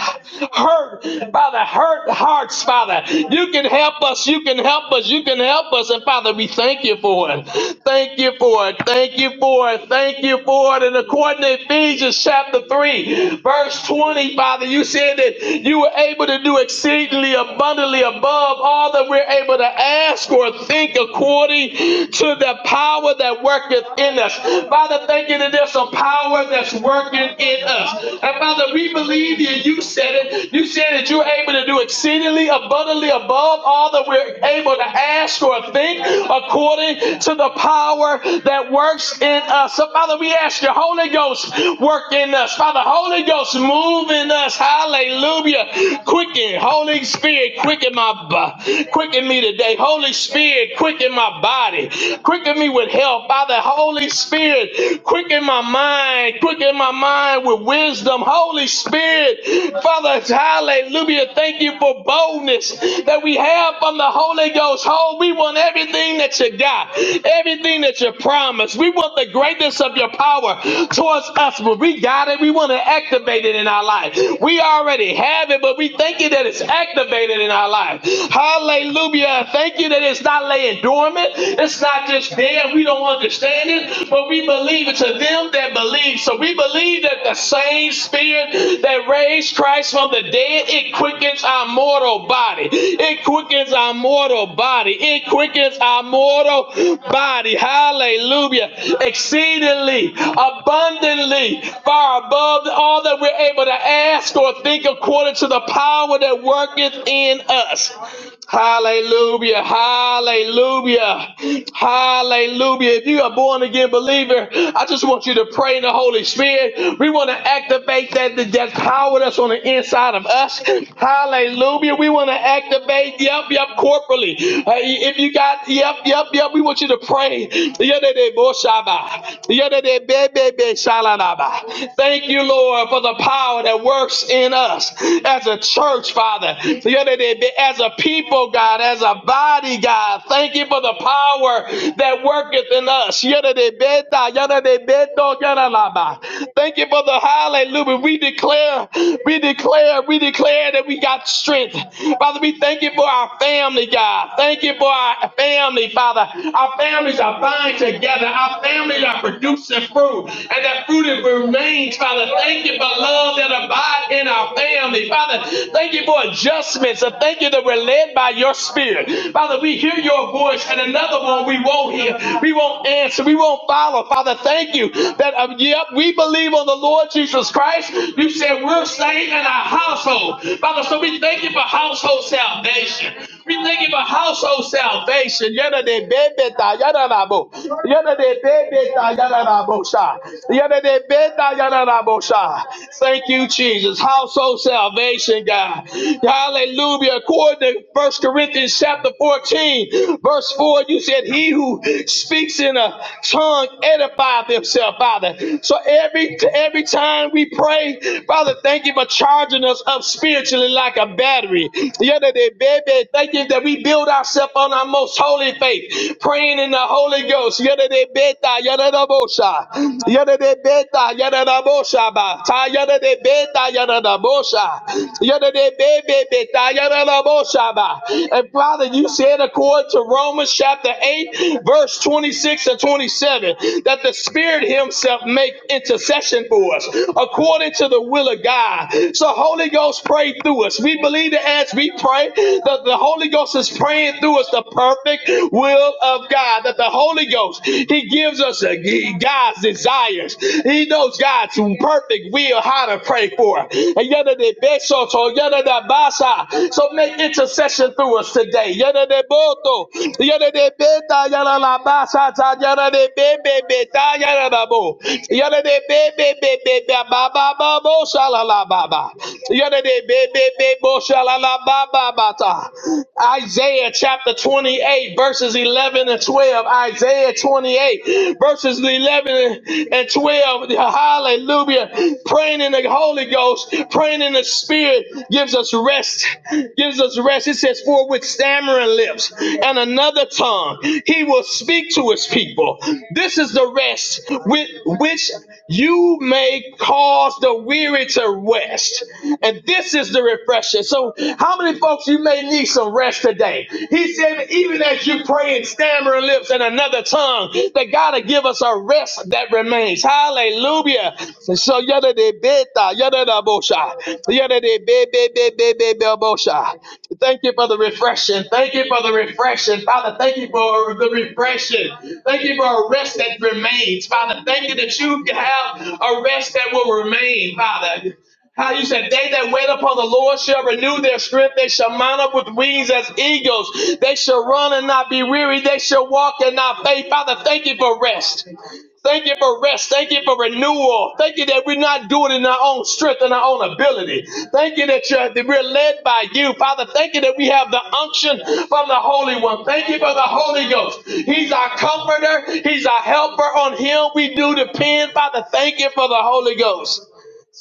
Speaker 3: hurt, Father, hurt hearts, Father. You can help us, you can help us, you can help us. And Father, we thank you for it. Thank you for it. Thank you for it. Thank you for it. And according to Ephesians chapter 3, 23, verse 20, Father, you said that you were able to do exceedingly abundantly above all that we're able to ask or think according to the power that worketh in us. Father, thank you that there's some power that's working in us. And Father, we believe you. You said it. You said that you're able to do exceedingly abundantly above all that we're able to ask or think according to the power that works in us. So, Father, we ask your Holy Ghost work in us us, Father. Holy Ghost, move in us. Hallelujah. Quicken, Holy Spirit, quicken my quicken me today. Holy Spirit, quicken my body. Quicken me with help. Father, Holy Spirit, quicken my mind. Quicken my mind with wisdom. Holy Spirit, Father, hallelujah. Thank you for boldness that we have from the Holy Ghost. Oh, we want everything that you got, everything that you promised. We want the greatness of your power towards us, but we got God, and we want to activate it in our life. We already have it, but we thank you that it's activated in our life. Hallelujah. Thank you that it's not laying dormant. It's not just there. We don't understand it, but we believe it to them that believe. So we believe that the same spirit that raised Christ from the dead, it quickens our mortal body. It quickens our mortal body. It quickens our mortal body. Hallelujah. Exceedingly, abundantly, far above all that we're able to ask or think according to the power that worketh in us. Hallelujah, hallelujah, hallelujah. If you are born again believer, I just want you to pray in the Holy Spirit. We want to activate that, that power that's on the inside of us. Hallelujah. We want to activate, yep, yep, corporately. Uh, if you got, yep, yep, yep, we want you to pray. Thank you, Lord, for the power that works in us as a church, Father. Together, As a people, God, as a body, God. Thank you for the power that worketh in us. Yada de beta, yada de beto, yada la ba. Thank you for the hallelujah. We declare, we declare, we declare that we got strength. Father, we thank you for our family, God. Thank you for our family, Father. Our families are bind together. Our families are producing fruit. And that fruit rooted remains, Father. Thank you for love that abide in our family, Father. Thank you for adjustments. And thank you that we're led by your spirit. Father, we hear your voice and another one we won't hear. We won't answer. We won't follow. Father, thank you that, uh, yep, we believe on the Lord Jesus Christ. You said we're saved in our household. Father, so we thank you for household salvation. We thank you for household salvation. Yada de bebeta, yada rabo. Yada de bebeta, yada rabo sha. Yada de beta, yada rabo sha. Thank you, Jesus. Household salvation, God. Hallelujah. According to First Corinthians chapter 14, verse 4, you said, He who speaks in a tongue edifies himself, Father. So every every time we pray, Father, thank you for charging us up spiritually like a battery. The other day, baby, thank you that we build ourselves on our most holy faith, praying in the Holy Ghost. The other day, beta, yada da bosha. The other day, beta, yada da bosha ba. Ta yada day, beta, yada da bosha. The other day, baby, beta, yada da bosha ba. And Father, you said according to Romans chapter 8, verse 26 and 27, that the Spirit Himself himself make intercession for us according to the will of God. So Holy Ghost pray through us. We believe that as we pray, that the Holy Ghost is praying through us the perfect will of God. That the Holy Ghost, He gives us a, He- God's desires. He knows God's perfect will, how to pray for. So make intercession through us today ta yala la ba sa ta yala de be be be ta yala da bo. Yala de be be be be ba ba ba bo sha la la ba ba. Yala de be be be bo sha la la ba ba ba ta. Isaiah chapter 28 verses 11 and 12. Isaiah 28 verses 11 and 12. Hallelujah. Praying in the Holy Ghost, praying in the Spirit gives us rest Gives gives us rest. It says, For with stammering lips and another tongue, he will speak to his people. This is the rest with which you may cause the weary to rest. And this is the refreshing. So, how many folks you may need some rest today? He said, Even as you pray in stammering lips and another tongue, that God will give us a rest that remains. Hallelujah. So, yada de Beta. Eta, yada da bosha. Yada de be, be, be, be, be, be, bosha. Thank you for the refreshing. Thank you for the refreshing. Father, thank you for the refreshing. Thank you for a rest that remains. Father, thank you that you have a rest that will remain, Father. How you said, they that wait upon the Lord shall renew their strength. They shall mount up with wings as eagles. They shall run and not be weary. They shall walk and not faint. Father, thank you for rest. Thank you for rest. Thank you for renewal. Thank you that we're not doing it in our own strength and our own ability. Thank you that, you're, that we're led by you, Father. Thank you that we have the unction from the Holy One. Thank you for the Holy Ghost. He's our comforter. He's our helper. On Him we do depend, Father. Thank you for the Holy Ghost.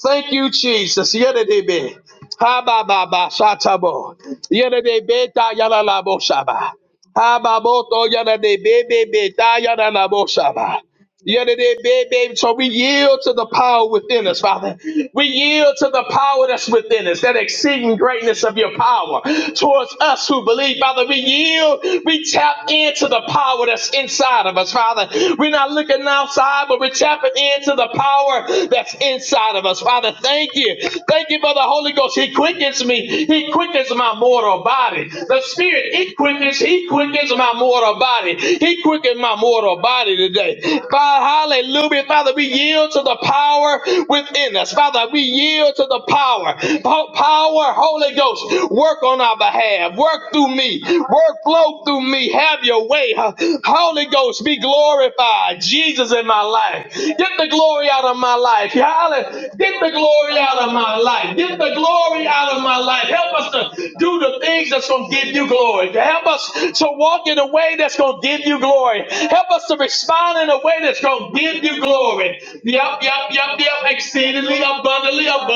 Speaker 3: Thank you, Jesus. Yedidebe. Ha ba ba ba shatabo. Yedidebe ta yala la bo shaba. Ha ba bo to yedidebe be be ta yala la bo shaba. Yeah, they did, babe, babe. So we yield to the power within us, Father. We yield to the power that's within us, that exceeding greatness of your power towards us who believe, Father. We yield, we tap into the power that's inside of us, Father. We're not looking outside, but we're tapping into the power that's inside of us, Father. Thank you. Thank you for the Holy Ghost. He quickens me, He quickens my mortal body. The Spirit, He quickens, He quickens my mortal body. He quickens quicken my mortal body today. Father, hallelujah. Father, we yield to the power within us. Father, we yield to the power. Po- Power, Holy Ghost, work on our behalf. Work through me. Work, flow through me. Have your way. huh? Holy Ghost, be glorified. Jesus in my life. Get the glory out of my life. Hallelujah. Get the glory out of my life. Get the glory out of my life. Help us to do the things that's going to give you glory. Help us so walk in a way that's going to give you glory. Help us to respond in a way that's going to give you glory. Yup, yup, yup, yup. Exceedingly abundantly above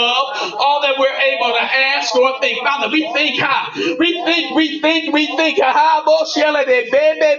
Speaker 3: all that we're able to ask or think. Father, we think high. We think, we think, we think. Ha, bo, shele de be, be,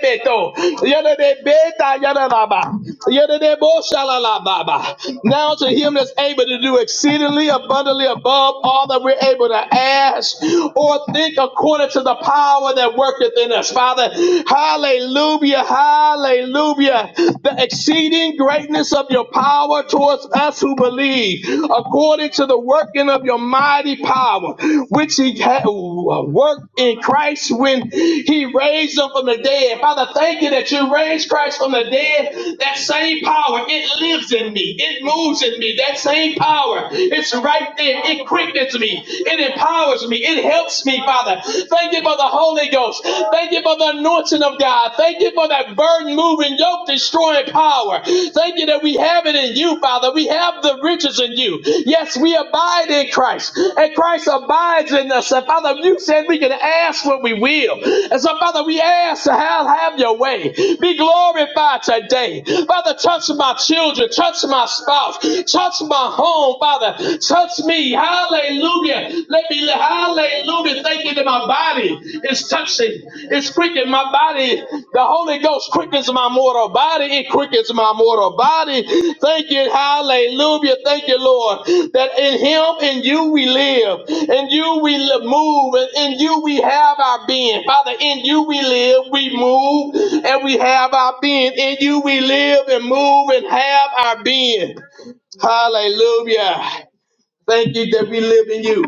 Speaker 3: de be, ta, yele la, ba. Yele de bo, shala, ba, ba. Now to him that's able to do exceedingly abundantly above all that we're able to ask or think according according to the power that worketh in us. Father, hallelujah, hallelujah. The exceeding greatness of your power towards us who believe, according to the working of your mighty power, which he had worked in Christ when he raised him from the dead. Father, thank you that you raised Christ from the dead. That same power, it lives in me, it moves in me. That same power, it's right there. It quickens me. It it empowers me. It helps me, Father. Thank you for the Holy Ghost. Thank you for the anointing of God. Thank you for that burden moving, yoke destroying power. Thank you that we have it in you, Father. We have the riches in you. Yes, we abide in Christ, and Christ abides in us. And Father, you said we can ask what we will. And so, Father, we ask to have, have your way. Be glorified today. Father, touch my children, touch my spouse, touch my home, Father. Touch me. Hallelujah. Let me, hallelujah. Thank you that my body is touching. It's quickening my body. The Holy Ghost quickens my mortal body. It quickens my mortal body. Thank you. Hallelujah. Thank you, Lord, that in Him, in you we live. In you we li- move. And in you we have our being. Father, in you we live, we move, and we have our being. In you we live and move and have our being. Hallelujah. Thank you that we live in you,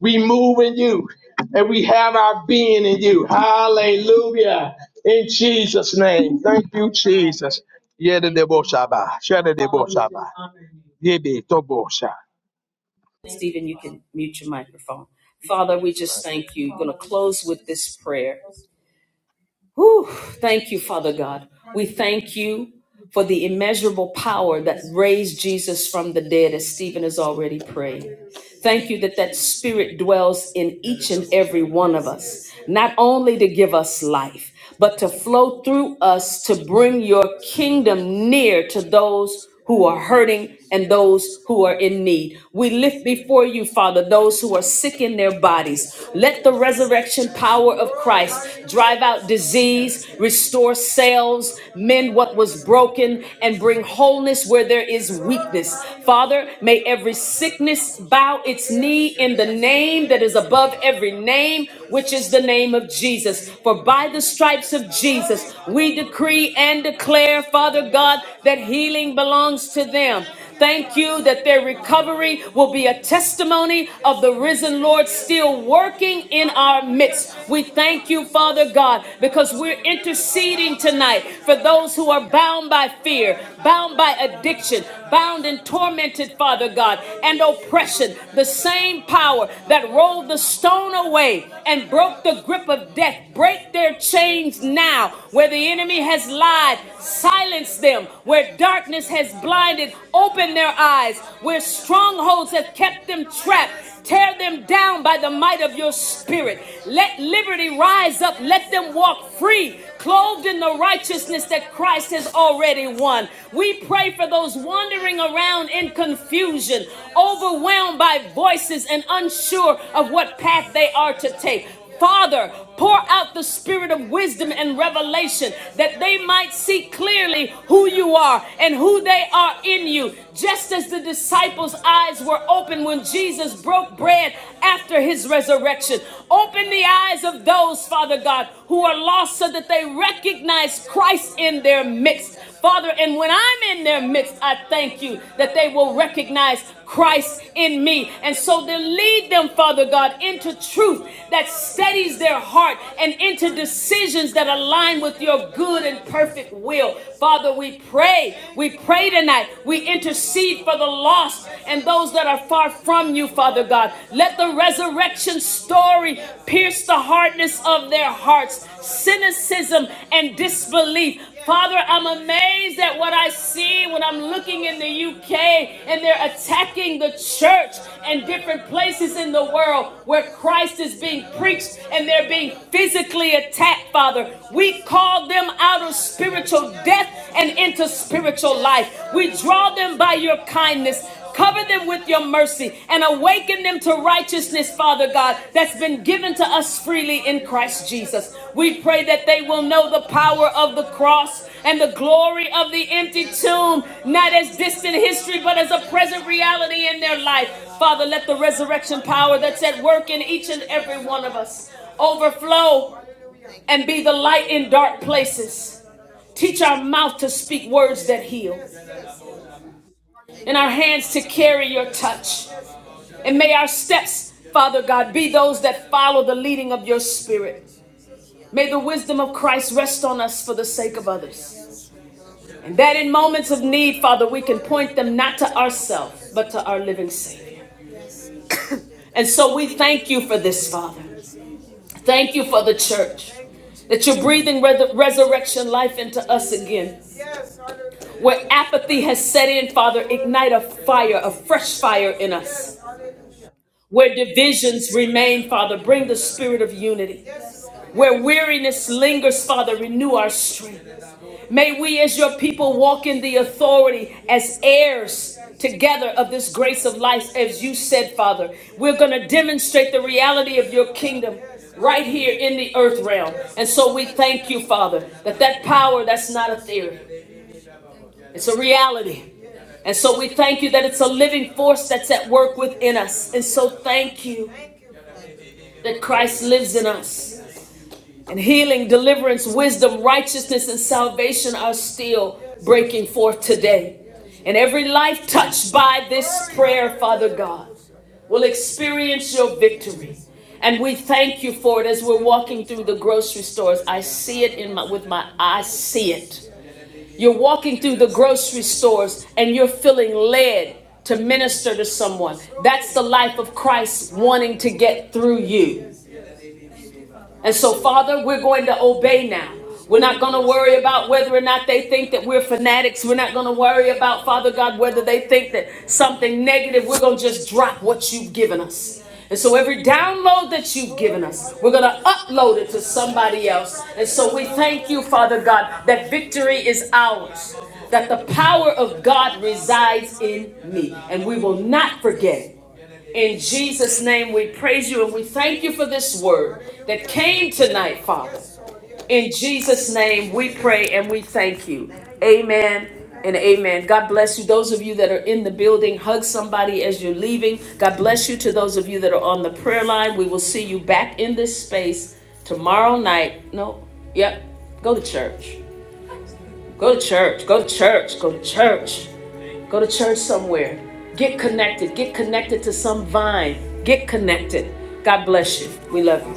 Speaker 3: we move in you, and we have our being in you. Hallelujah. In Jesus' name. Thank you, Jesus. Yedideboshaba, shedideboshaba, yedidobosha.
Speaker 1: Stephen, you can mute your microphone. Father, we just thank you. Going to close with this prayer. Whew, thank you, Father God. We thank you for the immeasurable power that raised Jesus from the dead, as Stephen has already prayed. Thank you that that spirit dwells in each and every one of us, not only to give us life, but to flow through us to bring your kingdom near to those who are hurting and those who are in need. We lift before you, Father, those who are sick in their bodies. Let the resurrection power of Christ drive out disease, restore cells, mend what was broken, and bring wholeness where there is weakness. Father, may every sickness bow its knee in the name that is above every name, which is the name of Jesus. For by the stripes of Jesus, we decree and declare, Father God, that that healing belongs to them. Thank you that their recovery will be a testimony of the risen Lord still working in our midst. We thank you, Father God, because we're interceding tonight for those who are bound by fear, bound by addiction, bound and tormented, Father God, and oppression. The same power that rolled the stone away and broke the grip of death, break their chains now where the enemy has lied, silent silenced them, where darkness has blinded, open their eyes, where strongholds have kept them trapped. Tear them down by the might of your spirit. Let liberty rise up. Let them walk free, clothed in the righteousness that Christ has already won. We pray for those wandering around in confusion, overwhelmed by voices and unsure of what path they are to take. Father, pour out the spirit of wisdom and revelation that they might see clearly who you are and who they are in you. Just as the disciples' eyes were open when Jesus broke bread after his resurrection, open the eyes of those, Father God, who are lost so that they recognize Christ in their midst. Father, and when I'm in their midst, I thank you that they will recognize Christ in me. And so then lead them, Father God, into truth that steadies their heart and into decisions that align with your good and perfect will. Father, we pray. We pray tonight. We intercede for the lost and those that are far from you, Father God. Let the resurrection story pierce the hardness of their hearts, cynicism and disbelief. Father, I'm amazed at what I see when I'm looking in the UK and they're attacking the church and different places in the world where Christ is being preached and they're being physically attacked, Father. We call them out of spiritual death and into spiritual life. We draw them by your kindness. Cover them with your mercy and awaken them to righteousness, Father God, that's been given to us freely in Christ Jesus. We pray that they will know the power of the cross and the glory of the empty tomb, not as distant history, but as a present reality in their life. Father, let the resurrection power that's at work in each and every one of us overflow and be the light in dark places. Teach our mouth to speak words that heal and our hands to carry your touch. And may our steps, Father God, be those that follow the leading of your spirit. May the wisdom of Christ rest on us for the sake of others. And that in moments of need, Father, we can point them not to ourselves, but to our living Savior. And so we thank you for this, Father. Thank you for the church, that you're breathing res- resurrection life into us again. Where apathy has set in, Father, ignite a fire, a fresh fire in us. Where divisions remain, Father, bring the spirit of unity. Where weariness lingers, Father, renew our strength. May we, as your people, walk in the authority as heirs together of this grace of life, as you said, Father. We're going to demonstrate the reality of your kingdom right here in the earth realm. And so we thank you, Father, that that power, that's not a theory, it's a reality. And so we thank you that it's a living force that's at work within us. And so thank you. that Christ lives in us. And healing, deliverance, wisdom, righteousness, and salvation are still breaking forth today. And every life touched by this prayer, Father God, will experience your victory. And we thank you for it as we're walking through the grocery stores. I see it in my, with my eyes. see it. You're walking through the grocery stores and you're feeling led to minister to someone. That's the life of Christ wanting to get through you. And so, Father, we're going to obey now. We're not going to worry about whether or not they think that we're fanatics. We're not going to worry about, Father God, whether they think that something negative. We're going to just drop what you've given us. And so, every download that you've given us, we're going to upload it to somebody else. And so, we thank you, Father God, that victory is ours, that the power of God resides in me. And we will not forget it. In Jesus' name, we praise you and we thank you for this word that came tonight, Father. In Jesus' name, we pray and we thank you. Amen and amen. God bless you. Those of you that are in the building, hug somebody as you're leaving. God bless you to those of you that are on the prayer line. We will see you back in this space tomorrow night. No, yep. Go to church. Go to church. Go to church. Go to church. Go to church somewhere. Get connected. Get connected to some vine. Get connected. God bless you. We love you.